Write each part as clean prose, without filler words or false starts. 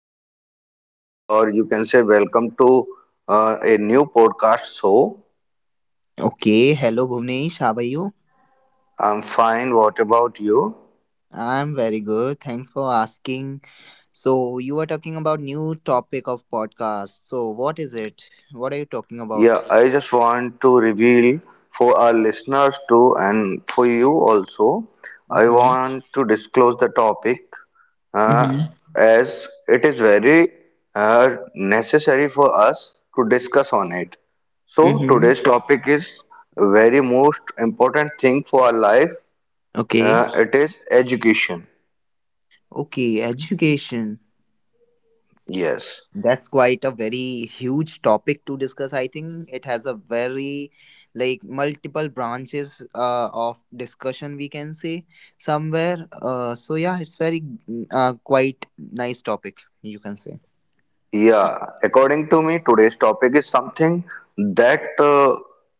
episode of, or you can say, welcome to a new podcast show. Okay, hello Bhuvnesh, how are you? I'm fine. What about you? I'm very good. Thanks for asking. So, you are talking about new topic of podcast. So, what is it? What are you talking about? Yeah, I just want to reveal for our listeners too, and for you also. I Mm-hmm. want to disclose the topic uh, Mm-hmm. as it is very necessary for us to discuss on it. So Mm-hmm. today's topic is very most important thing for our life. Okay. It is education. Okay, education. Yes. That's quite a very huge topic to discuss. I think it has a very like multiple branches of discussion we can say somewhere so yeah it's very quite nice topic you can say. Yeah, according to me, today's topic is something that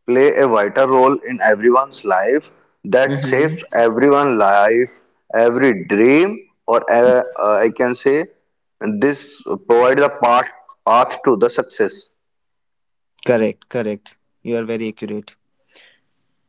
play a vital role in everyone's life, that saves Mm-hmm. everyone' life, every dream, or I can say, this provides a path to the success. Correct, correct. You are very accurate.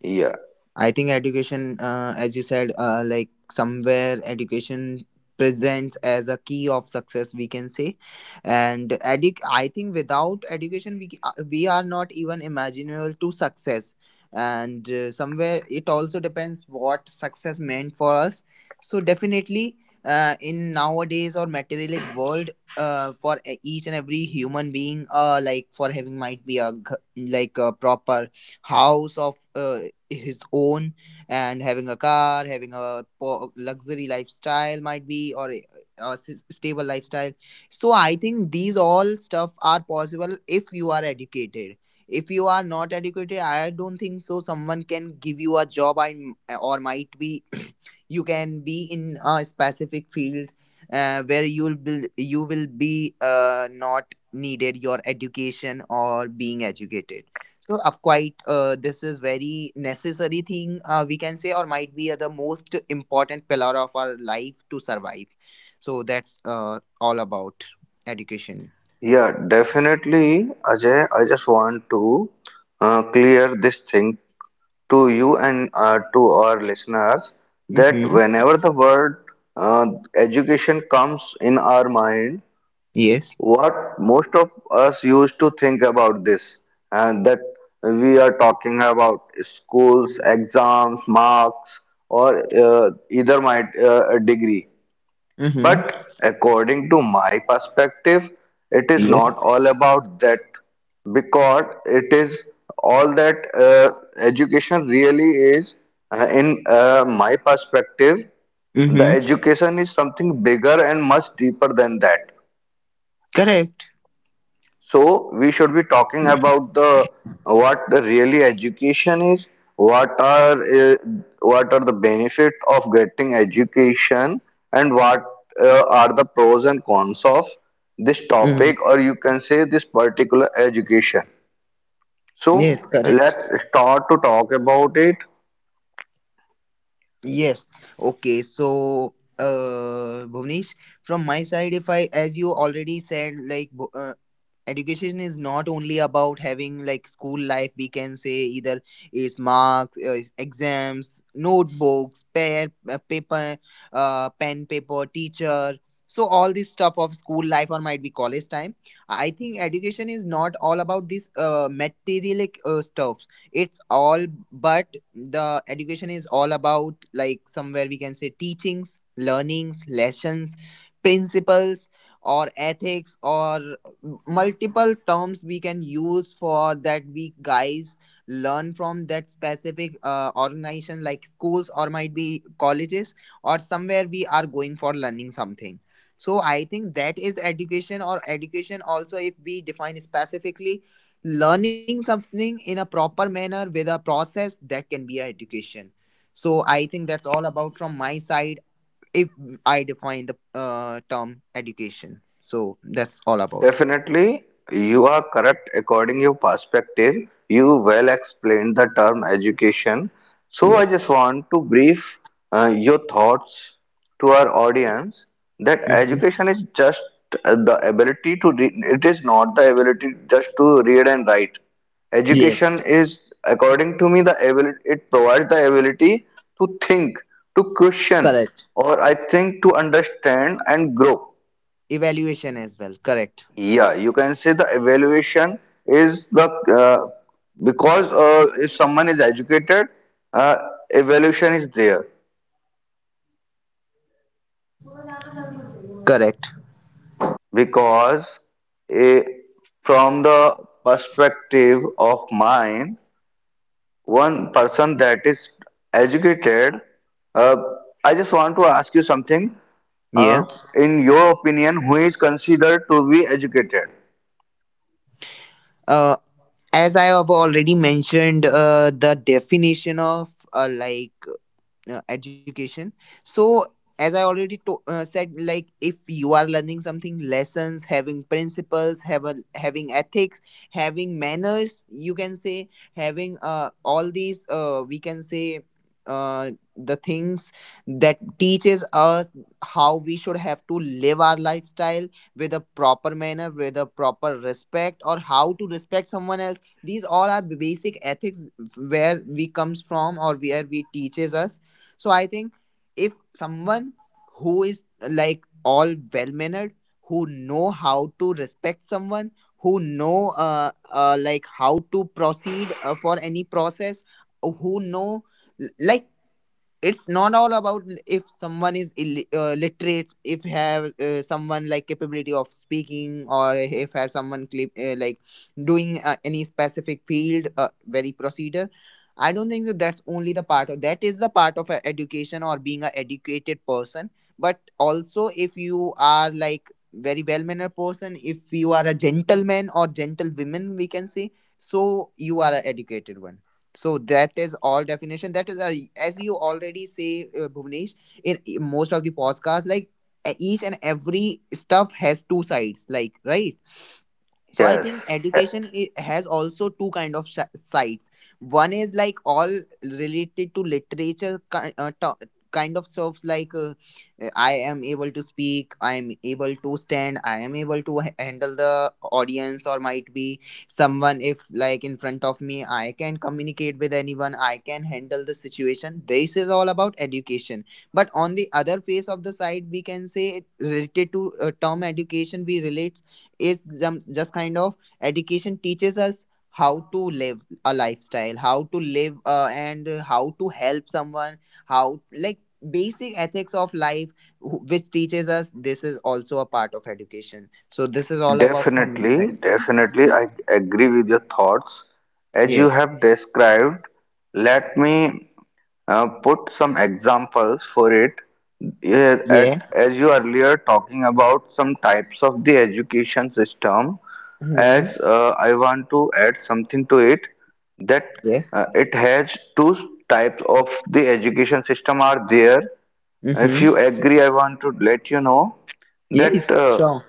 Yeah, I think education, as you said, like somewhere education presents as a key of success, we can say. And I think without education, we are not even imaginable to success. And somewhere it also depends what success meant for us. So definitely, in nowadays or materialistic world. For each and every human being like for having might be a like a proper house of his own, and having a car, having a luxury lifestyle, might be or a stable lifestyle. So I think these all stuff are possible if you are educated. If you are not educated, I don't think so someone can give you a job. Or might be you can be in a specific field where you will be not needed your education or being educated. So, of quite, this is very necessary thing we can say, or might be the most important pillar of our life to survive. So that's all about education. yeah, definitely, Ajay. I just want to clear this thing to you and to our listeners that Mm-hmm. whenever the word uh, education comes in our mind, Yes. what most of us used to think about this, and that we are talking about schools, exams, marks, or either might a degree. Mm-hmm. But according to my perspective, it is Yes. not all about that because it is all that education really is. In my perspective, the Mm-hmm. education is something bigger and much deeper than that. Correct. So we should be talking about the what the really education is, what are uh, what are the benefit of getting education, and what are the pros and cons of this Mm-hmm. topic, or you can say this particular education. Yes. So Correct. let's start to talk about it. Yes. Okay. So, Bhuvnesh, from my side, if I, as you already said, like, education is not only about having like school life. We can say either it's marks, it's exams, notebooks, paper, pen, paper, teacher. So all this stuff of school life or might be college time. I think education is not all about this material like, stuff. It's all, but the education is all about like somewhere we can say teachings, learnings, lessons, principles or ethics, or multiple terms we can use for that. We guys learn from that specific organization like schools or might be colleges or somewhere we are going for learning something. So I think that is education. Or education also, if we define specifically, learning something in a proper manner with a process, that can be a education. So I think that's all about from my side. If I define the term education, so that's all about. Definitely, you are correct according your perspective. You well explained the term education. So I Yes. just want to brief your thoughts to our audience that Hmm. education is just the ability to read. It is not the ability just to read and write. Yes. Education is, according to me, the ability. It provides the ability to think, to question, Correct. or I think to understand and grow. Evaluation as well, correct. Yeah, you can say the evaluation is the uh, because if someone is educated, uh, evaluation is there Correct. because eh, from the perspective of mine, one person that is educated, uh, I just want to ask you something. Uh, Yeah. in your opinion, who is considered to be educated? uh, as I have already mentioned the definition of like education, so as I already said, like if you are learning something, lessons, having principles, have a, having ethics, having manners, you can say having all these we can say uh, the things that teaches us how we should have to live our lifestyle with a proper manner, with a proper respect, or how to respect someone else. These all are basic ethics where we comes from or where we teaches us. So I think if someone who is like all well mannered, who know how to respect someone, who know like how to proceed for any process, who know like, it's not all about if someone is literate, if have someone like capability of speaking, or if have someone like doing any specific field very procedure. I don't think that that is the part of education or being a educated person. But also if you are like very well mannered person, if you are a gentleman or gentlewoman, we can say, so you are an educated one. So that is all definition. That is, a, as you already say, Bhuvnesh, in most of the podcasts, like each and every stuff has two sides, like, right? So I Yes. think education has also two kind of sides. One is like all related to literature kind of stuff like I am able to speak, I am able to stand, I am able to handle the audience, or might be someone if like in front of me, I can communicate with anyone, I can handle the situation. This is all about education. But on the other face of the side, we can say, related to term education we relate, is just kind of, education teaches us how to live a lifestyle, how to live and how to help someone, how like basic ethics of life which teaches us. This is also a part of education. So this is all about from me Definitely, side. definitely, I agree with your thoughts. As you Yes. have described, let me put some examples for it. Yeah, at, Yeah. as you earlier talking about some types of the education system, as Mm-hmm. I want to add something to it, that Yes. It has two types of the education system are there. If Mm-hmm. you agree, I want to let you know that. Yes, Uh, sure.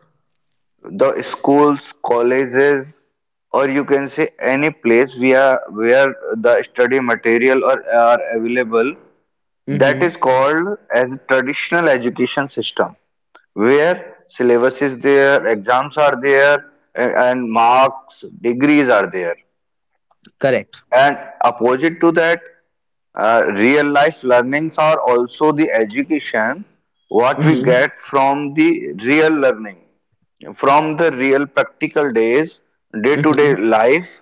the schools, colleges, or you can say any place where the study material or are available. That Mm-hmm. is called as traditional education system, where syllabus is there, exams are there, and marks, degrees are there. Correct. And opposite to that, real life learnings are also the education what we Mm-hmm. get from the real learning, from the real practical days, day to day Mm-hmm. life.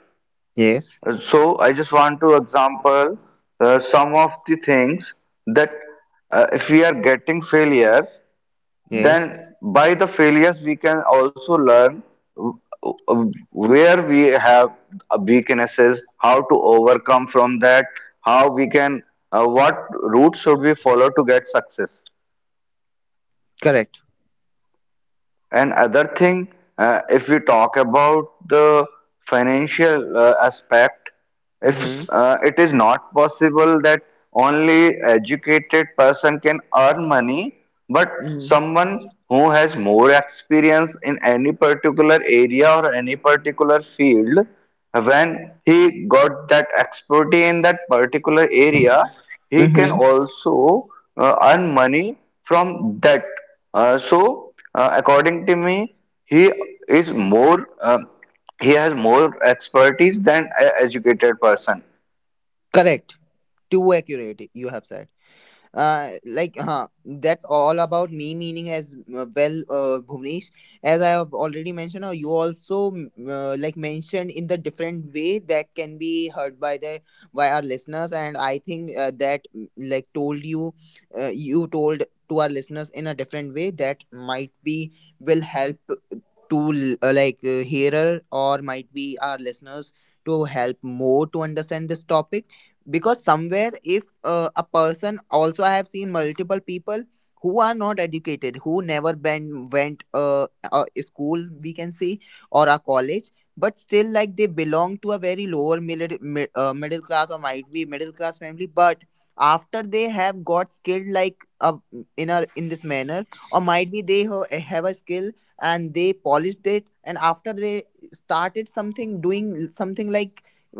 Yes. So, I just want to example some of the things that if we are getting failures, Yes. then by the failures we can also learn uh, where we have weaknesses, how to overcome from that, how we can what route should we follow to get success. Correct. And other thing, if we talk about the financial aspect, if Mm-hmm. It is not possible that only educated person can earn money, but someone who has more experience in any particular area or any particular field, when he got that expertise in that particular area, he can Mm-hmm. also earn money from that. So according to me, he is more he has more expertise than an educated person. Correct, too accurate you have said. Like, huh? That's all about me meaning, as well, Bhuvnesh, as I have already mentioned, or you also like mentioned in the different way that can be heard by the by our listeners. And I think that like told you, you told to our listeners in a different way that might be will help to like hearer or might be our listeners, to help more to understand this topic. Because somewhere if a person also, I have seen multiple people who are not educated, who never went a school we can say, or a college, but still like they belong to a very lower middle, middle class or might be middle class family, but after they have got skilled like in a in this manner, or might be they have a skill and they polished it, and after they started something doing something, like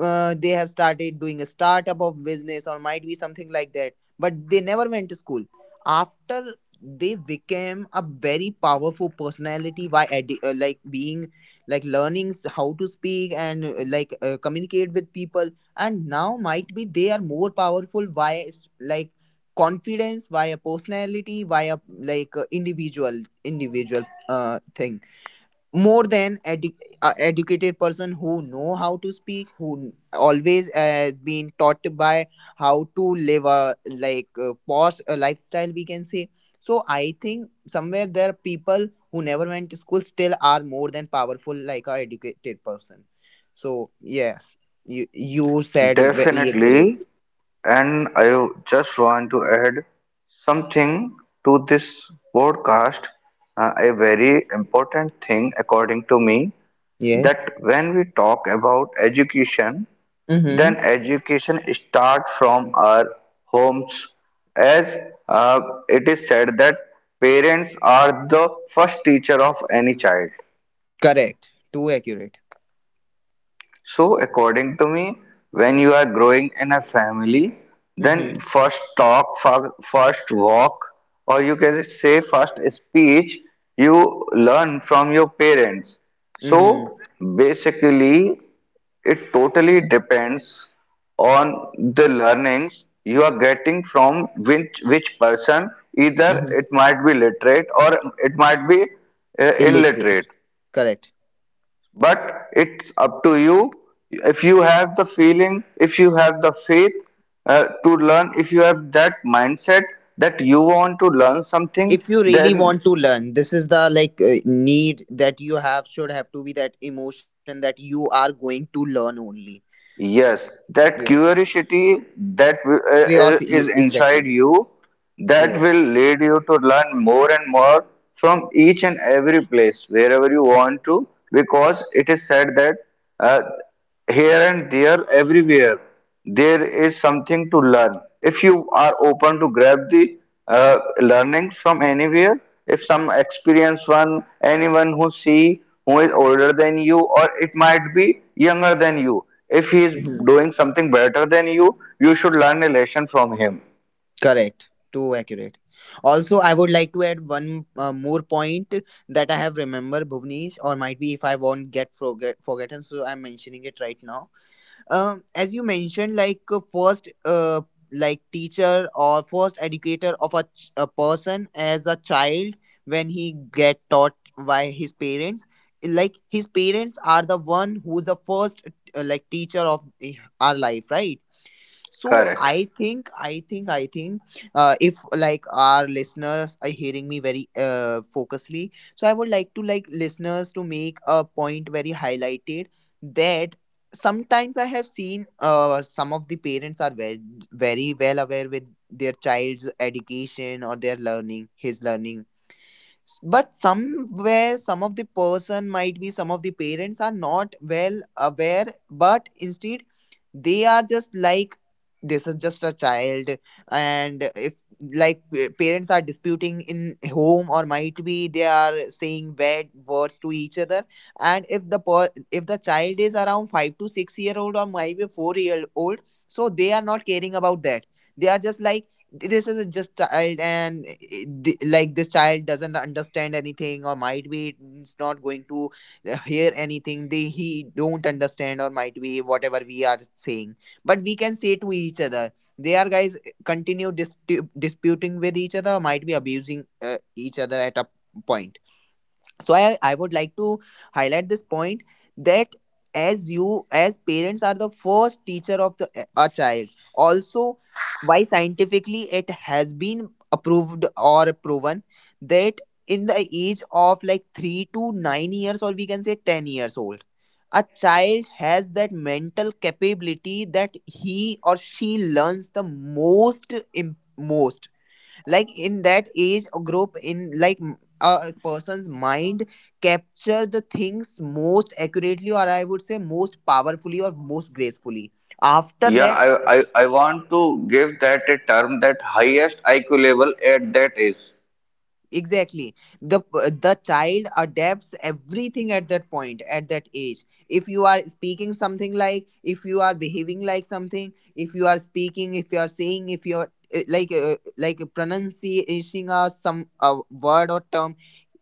they have started doing a startup of business or might be something like that, but they never went to school. After, they became a very powerful personality by like being like learning how to speak and like communicate with people. And now might be they are more powerful via like confidence, via personality, via like individual thing, more than educated person who know how to speak, who always has been taught by how to live a like a posh a lifestyle we can say. So I think somewhere there are people who never went to school, still are more than powerful like a educated person. So yes, you said very accurate. Definitely, and I just want to add something to this podcast. A very important thing, according to me, Yes. that when we talk about education, then Mm-hmm. education starts from our homes, as uh, it is said that parents are the first teacher of any child. Correct, too accurate. So, according to me, when you are growing in a family, Mm-hmm. then first talk, first walk, or you can say first speech, you learn from your parents. Mm-hmm, So, basically, it totally depends on the learnings you are getting from which person, either mm-hmm. it might be literate or it might be Illiterate, illiterate, correct. but it's up to you. If you have the feeling, if you have the faith to learn, if you have that mindset that you want to learn something, If you really then want to learn, this is the like need, that you have should have to be that emotion that you are going to learn only. yes, that Yes. curiosity that Curiosity, is e, exactly. inside you, that Yes. will lead you to learn more and more from each and every place wherever you want to, because it is said that uh, here and there everywhere there is something to learn if you are open to grab the learning from anywhere. If some experienced one, anyone who see, who is older than you or it might be younger than you, if he is Hmm. doing something better than you, you should learn a lesson from him. Correct, too accurate. Also I would like to add one more point that I have remembered, Bhuvnesh, or might be if I won't get forgotten, so I'm mentioning it right now. As you mentioned, like first like teacher or first educator of a, a person as a child, when he get taught by his parents, like his parents are the one who's the first like teacher of our life, right? So Correct. I think if like our listeners are hearing me very focusedly, so I would like to like listeners to make a point very highlighted, that sometimes I have seen some of the parents are very, very well aware with their child's education or their learning, his learning, but somewhere some of the person, might be some of the parents are not well aware, but instead they are just like, this is just a child. And if like parents are disputing in home, or might be they are saying bad words to each other, and if the if the child is around 5 to 6 year old, or maybe 4-year old, so they are not caring about that. They are just like, this is a just child, and like this child doesn't understand anything, or might be it's not going to hear anything, they he don't understand, or might be whatever we are saying but we can say to each other, they are guys continue disputing with each other, or might be abusing each other at a point. So I would like to highlight this point, that as you, as parents are the first teacher of the a child, also why scientifically it has been approved or proven, that in the age of like 3 to 9 years, or we can say 10 years old, a child has that mental capability that he or she learns the most, im- most, like in that age or group in like a person's mind capture the things most accurately, or I would say most powerfully or most gracefully. After Yeah, that, I want to give that a term, that highest IQ level at that age. exactly. The child adapts everything at that point, at that age. If you are speaking something, like if you are behaving like something, if you are speaking, if you are saying, if you are like pronouncing some word or term,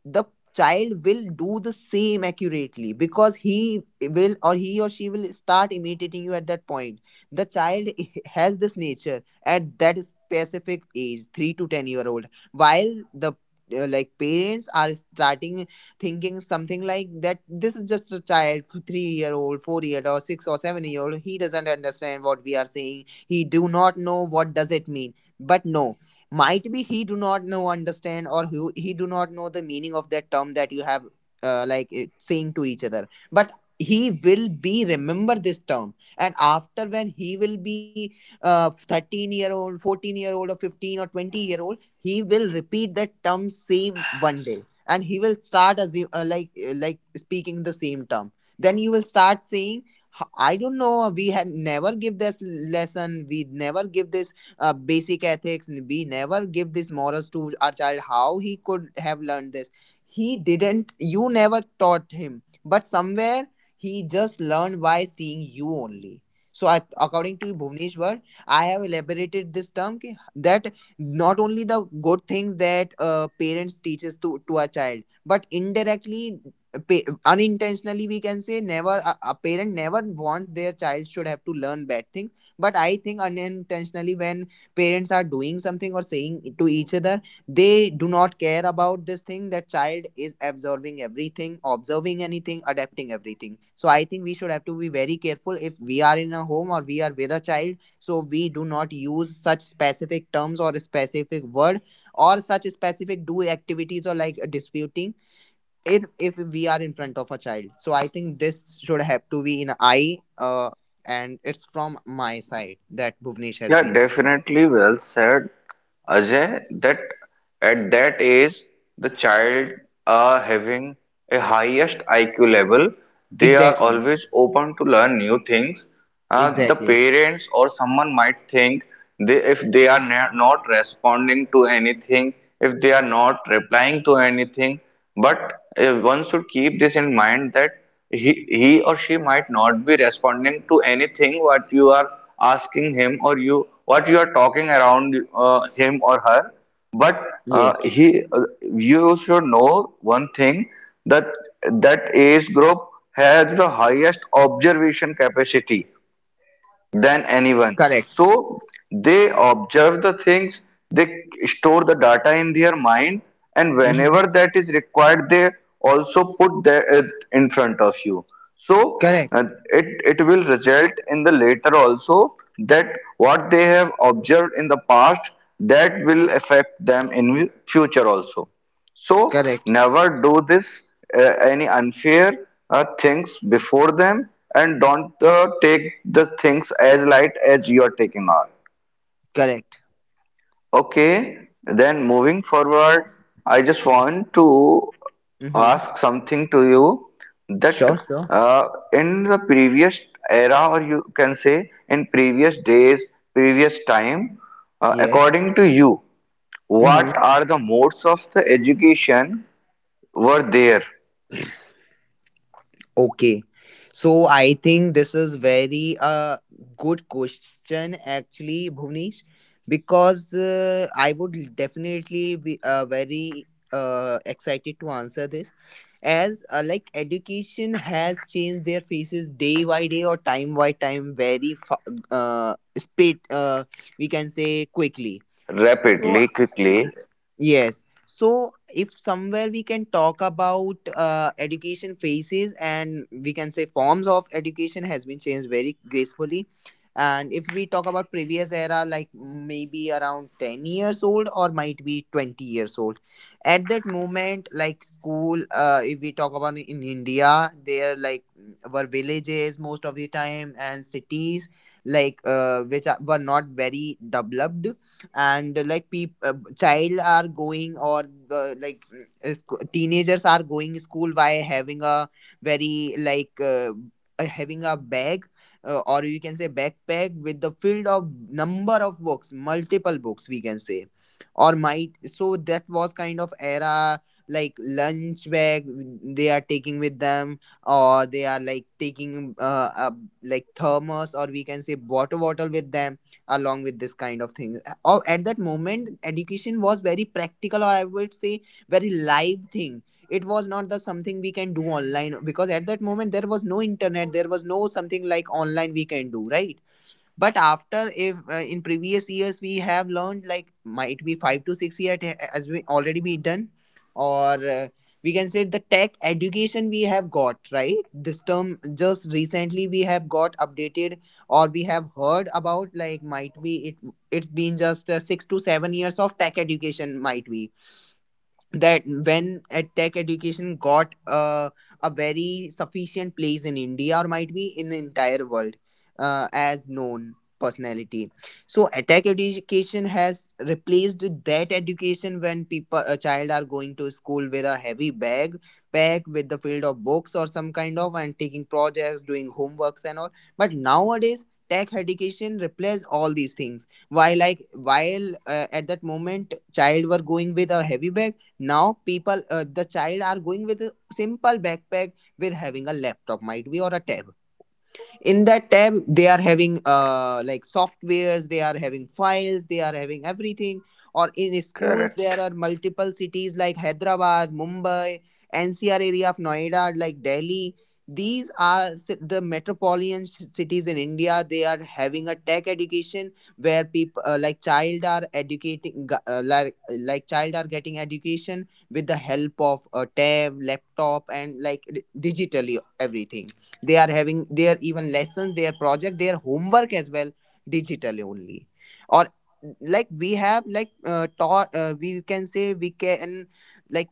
the child will do the same accurately, because he will, or he or she will start imitating you at that point. The child has this nature at that specific age, 3 to 10 year old. While the like parents are starting thinking something like that, this is just a child, 3 year old, 4 year, or 6 or 7 year old, he doesn't understand what we are saying, he do not know what does it mean. But no, might be he do not know understand, or who he do not know the meaning of that term that you have like it, saying to each other, but he will be remember this term, and after, when he will be 13-year old, 14-year old, or 15 or 20-year old, he will repeat that term same one day, and he will start assume, like speaking the same term. Then you will start saying, "I don't know, we had never give this lesson, we never give this basic ethics, we never give these morals to our child, how he could have learned this, he didn't, you never taught him, but somewhere he just learned by seeing you only." So I, according to Bhuvneshwar, I have elaborated this term that not only the good things that parents teaches to a child, but indirectly, unintentionally we can say, never a parent never want their child should have to learn bad things. But I think, unintentionally, when parents are doing something or saying to each other, they do not care about this thing, that child is absorbing everything, observing anything, adapting everything. So I think we should have to be very careful, if we are in a home, or we are with a child, so we do not use such specific terms or specific word, or such specific do activities, or like disputing it, if we are in front of a child. So I think this should have to be in eye, and it's from my side that Bhuvnesh has Yeah, been. definitely well said, Ajay, that at that age, the child are having a highest IQ level. They are Exactly. always open to learn new things. The Exactly. parents or someone might think they, if they are not responding to anything, if they are not replying to anything, but one should keep this in mind that he, he or she might not be responding to anything what you are asking him, or you what you are talking around him or her, but Yes. he you should know one thing, that that age group has the highest observation capacity than anyone. Correct. So they observe the things, they store the data in their mind, and Mm-hmm. whenever that is required, they also put that in front of you. So Correct. uh, it it will result in the later also, that what they have observed in the past, that will affect them in future also. So Correct. never do this any unfair things before them, and don't take the things as light as you are taking on. Correct. Okay, then moving forward, I just want to Mm-hmm. ask something to you, that Sure. Sure. In the previous era, or you can say in previous days, previous time, Yes. according to you, Mm-hmm. what are the modes of the education were there? Okay. So I think this is very good question, actually, Bhuvnesh, because I would definitely be very excited to answer this, as like education has changed their faces day by day, or time by time, very speed, we can say, quickly, so. Rapidly, quickly, Yes. So if somewhere we can talk about education phases, and we can say forms of education has been changed very gracefully. And if we talk about previous era, like maybe around 10 years old, or might be 20 years old. At that moment, like school, if we talk about in India, there like were villages most of the time, and cities like, which are, were not very developed, and like people child are going, or the like teenagers are going school by having a very like having a bag, or you can say backpack with the field of number of books, multiple books we can say, or might. So that was kind of era, like lunch bag they are taking with them, or they are like taking a, like thermos, or we can say water bottle with them, along with this kind of thing. Or at that moment education was very practical, or I would say very live thing. It was not the something we can do online, because at that moment there was no internet, there was no something like online we can do, right? But after, if in previous years we have learned, like might be 5 to 6 year, as we already be done, or we can say the tech education we have got, right, this term just recently we have got updated, or we have heard about, like might be it's been just 6 to 7 years of tech education, might be, that when ed tech education got a very sufficient place in India, or might be in the entire world, as known personality. So ed tech education has replaced that education when people a child are going to school with a heavy bag pack with the field of books or some kind of, and taking projects, doing homeworks and all. But nowadays tech education replaces all these things. While at that moment child were going with a heavy bag, now people the child are going with a simple backpack, with having a laptop might be, or a tablet. In that tab they are having like softwares, they are having files, they are having everything. Or in schools, correct. there are multiple cities like Hyderabad, Mumbai, NCR area of Noida, like Delhi, these are the metropolitan cities in India, they are having a tech education, where people like child are educating, like child are getting education with the help of a tab, laptop, and like digitally everything. They are having their even lessons, their project, their homework as well, digitally only. Or like we have like taught, we can say, we can, like,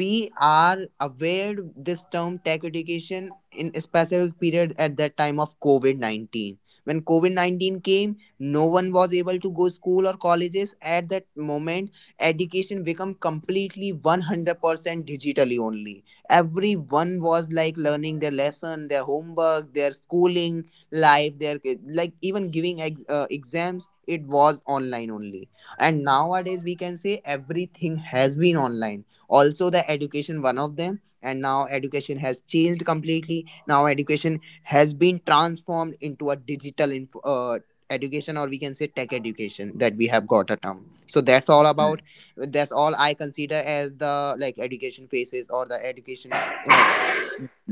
we are aware this term tech education in a specific period at that time of covid-19. When covid-19 came, no one was able to go school or colleges. At that moment education become completely 100% digitally only. Everyone was like learning their lesson, their homework, their schooling life, their like even giving exams, it was online only. And nowadays we can say everything has been online, also the education one of them, and now education has changed completely, now education has been transformed into a digital education, or we can say tech education that we have got a term. So that's all about, that's all I consider as the like education phases, or the education uh,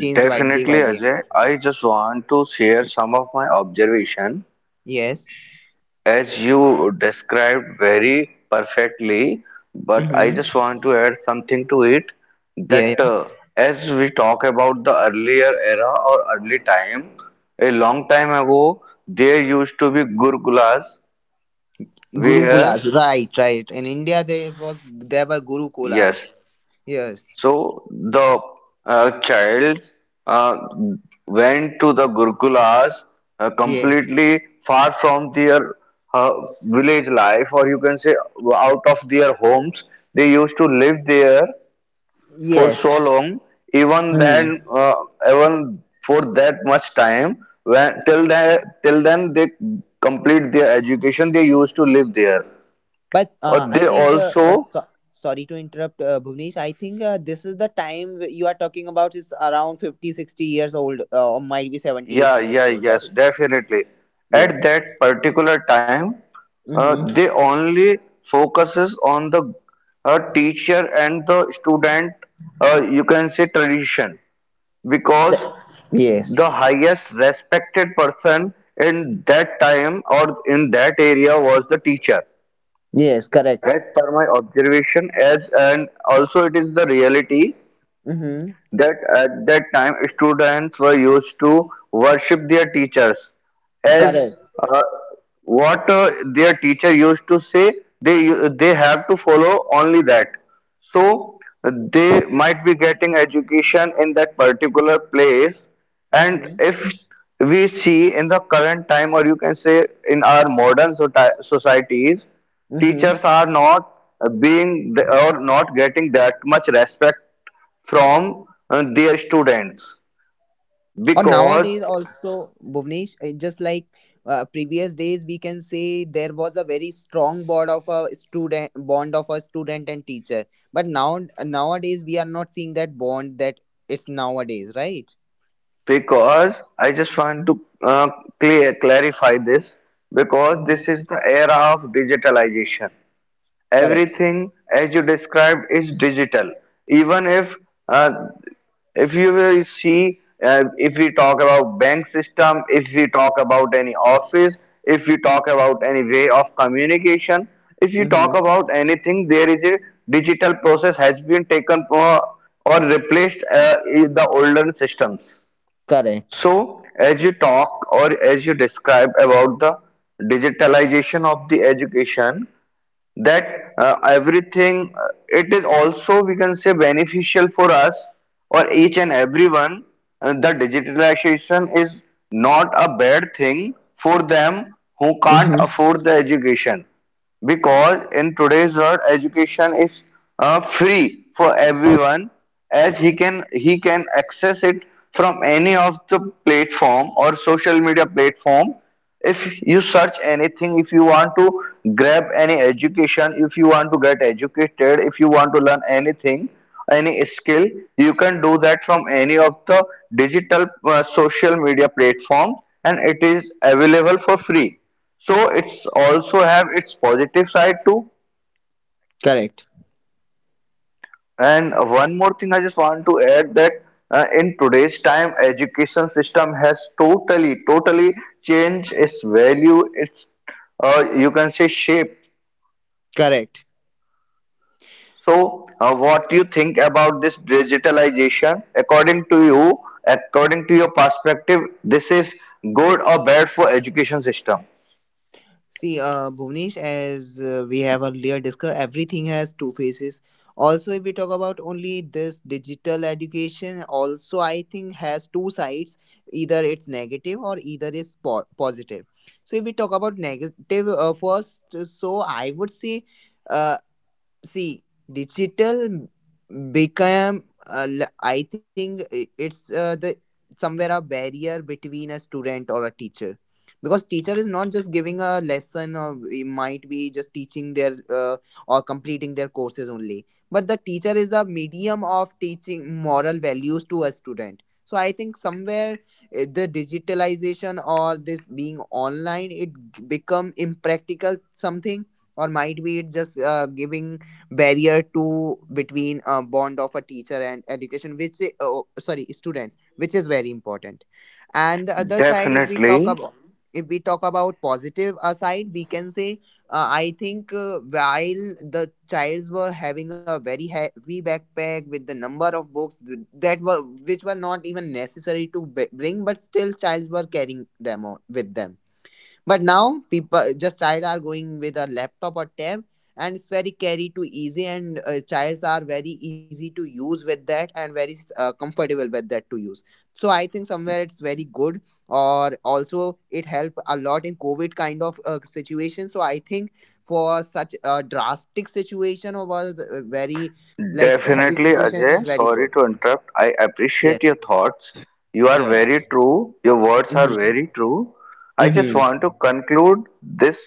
changed by day Definitely, by day. Ajay. I just want to share some of my observation, Yes. as you described very perfectly, but I Mm-hmm. just want to add something to it, Yeah, that yeah. As we talk about the earlier era or early time, a long time ago, there used to be Gurukulas Gurukulas, where, right, right, in India there was, there were Gurukulas. yes, Yes. so the child uh, went to the Gurukulas Yes. completely far from their uh, village life, or you can say out of their homes. They used to live there for Yes. so long, even Hmm. then, even for that much time. When till then they complete their education, they used to live there. But Or I they think, also sorry to interrupt, Bhuvnesh, I think this is the time you are talking about is around 50, 60 years old, or might be 70, yeah, 80 years yeah, old, yes, right? definitely. Yes. At that particular time, Mm-hmm. they only focuses on the teacher and the student, you can say tradition, because Yes. the highest respected person in that time or in that area was the teacher. Yes. Correct. As per my observation, as and also it is the reality Mm-hmm. that at that time students were used to worship their teachers, as Correct. uh, what their teacher used to say, they they have to follow only that, so they might be getting education in that particular place. And Mm-hmm. if we see in the current time, or you can say in our modern societies, Mm-hmm. teachers are not being or not getting that much respect from their students, Or nowadays because also, Bhuvnesh, just like previous days, we can say there was a very strong bond of a student, bond of a student and teacher. But now, nowadays, we are not seeing that bond that it's nowadays, right? I just want to clear clarify this, because this Mm-hmm. is the era of digitalization. Correct. Everything, as you described, is digital. Even uh, if you will see if we talk about bank system, if we talk about any office, if we talk about any way of communication, if you talk Mm-hmm. about anything, there is a digital process has been taken for or replaced in the older systems. Correct. So as you talk or as you describe about the digitalization of the education, that everything it is also we can say beneficial for us or each and everyone. The digitalization is not a bad thing for them who can't Mm-hmm. afford the education, because in today's world education is free for everyone, as he can access it from any of the platform or social media platform. If you search anything, if you want to grab any education, if you want to get educated, if you want to learn anything, any skill, you can do that from any of the digital social media platform, and it is available for free. So it's also have its positive side too. Correct. And one more thing I just want to add, that in today's time, education system has totally, totally changed its value, its you can say shape. Correct. So what you think about this digitalization? According to you, according to your perspective, this is good or bad for education system? See, Bhuvnesh, as we have earlier discussed, everything has two faces. Also, if we talk about only this digital education, also I think has two sides. Either it's negative, or either it's positive. So if we talk about negative first, so I would say, uh, see, digital become, I think it's the somewhere a barrier between a student or a teacher, because teacher is not just giving a lesson, or it might be just teaching their or completing their courses only, but the teacher is a medium of teaching moral values to a student. So I think somewhere the digitalization, or this being online, it become impractical something, or might be it just giving barrier to between a bond of a teacher and education, which, oh sorry, students, which is very important. And the other side, Definitely. If we talk about positive side we can say, I think, while the childs were having a very heavy backpack with the number of books, that were, which were not even necessary to bring, but still childs were carrying them on, with them. But now people just child are going with a laptop or tab, and it's very carry to easy, and childs are very easy to use with that, and very comfortable with that to use. So I think somewhere it's very good, or also it helped a lot in COVID kind of situation. So I think for such a drastic situation, or was a very like heavy Definitely, situation, it is Ajay. very Sorry good. to interrupt. I Yes. appreciate your thoughts. You are Yeah. Yeah. very true. Your words are Mm-hmm. very true. I just Mm-hmm. want to conclude this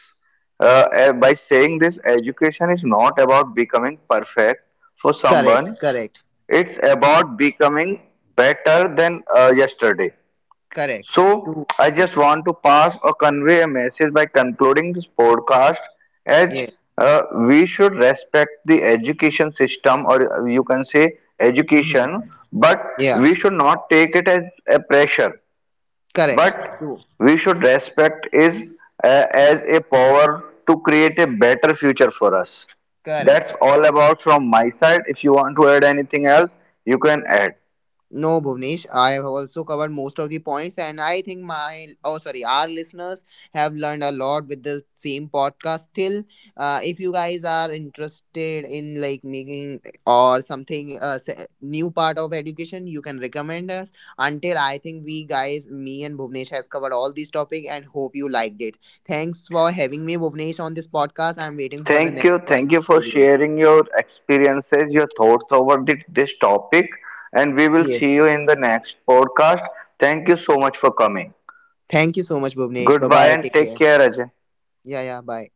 by saying this education is not about becoming perfect for Correct. someone, Correct. it's about becoming better than yesterday. Correct. So, True. I True. just want to pass or convey a message by concluding this podcast as Yeah. uh, we should respect the education system, or you can say Mm-hmm. education, but Yeah, we should not take it as a pressure, correct. but True. we should respect it as a power to create a better future for us. That's Correct. all about from my side. If you want to add anything else, you can add. No, Bhuvnesh, I have also covered most of the points, and I think my, oh sorry, our listeners have learned a lot with the same podcast. Still, if you guys are interested in like making or something new part of education, you can recommend us. Until, I think we guys, me and Bhuvnesh, has covered all these topic, and hope you liked it. Thanks for having me, Bhuvnesh, on this podcast. I'm waiting for the Thank next you. one Thank you for with you. sharing your experiences, your thoughts over this topic. And we will see Yes, you yes. in the next podcast. Thank you so much for coming. Thank you so much, Bhuvnesh. Bye Goodbye bye. and Take take care. care, Ajay. Yeah, yeah. Bye.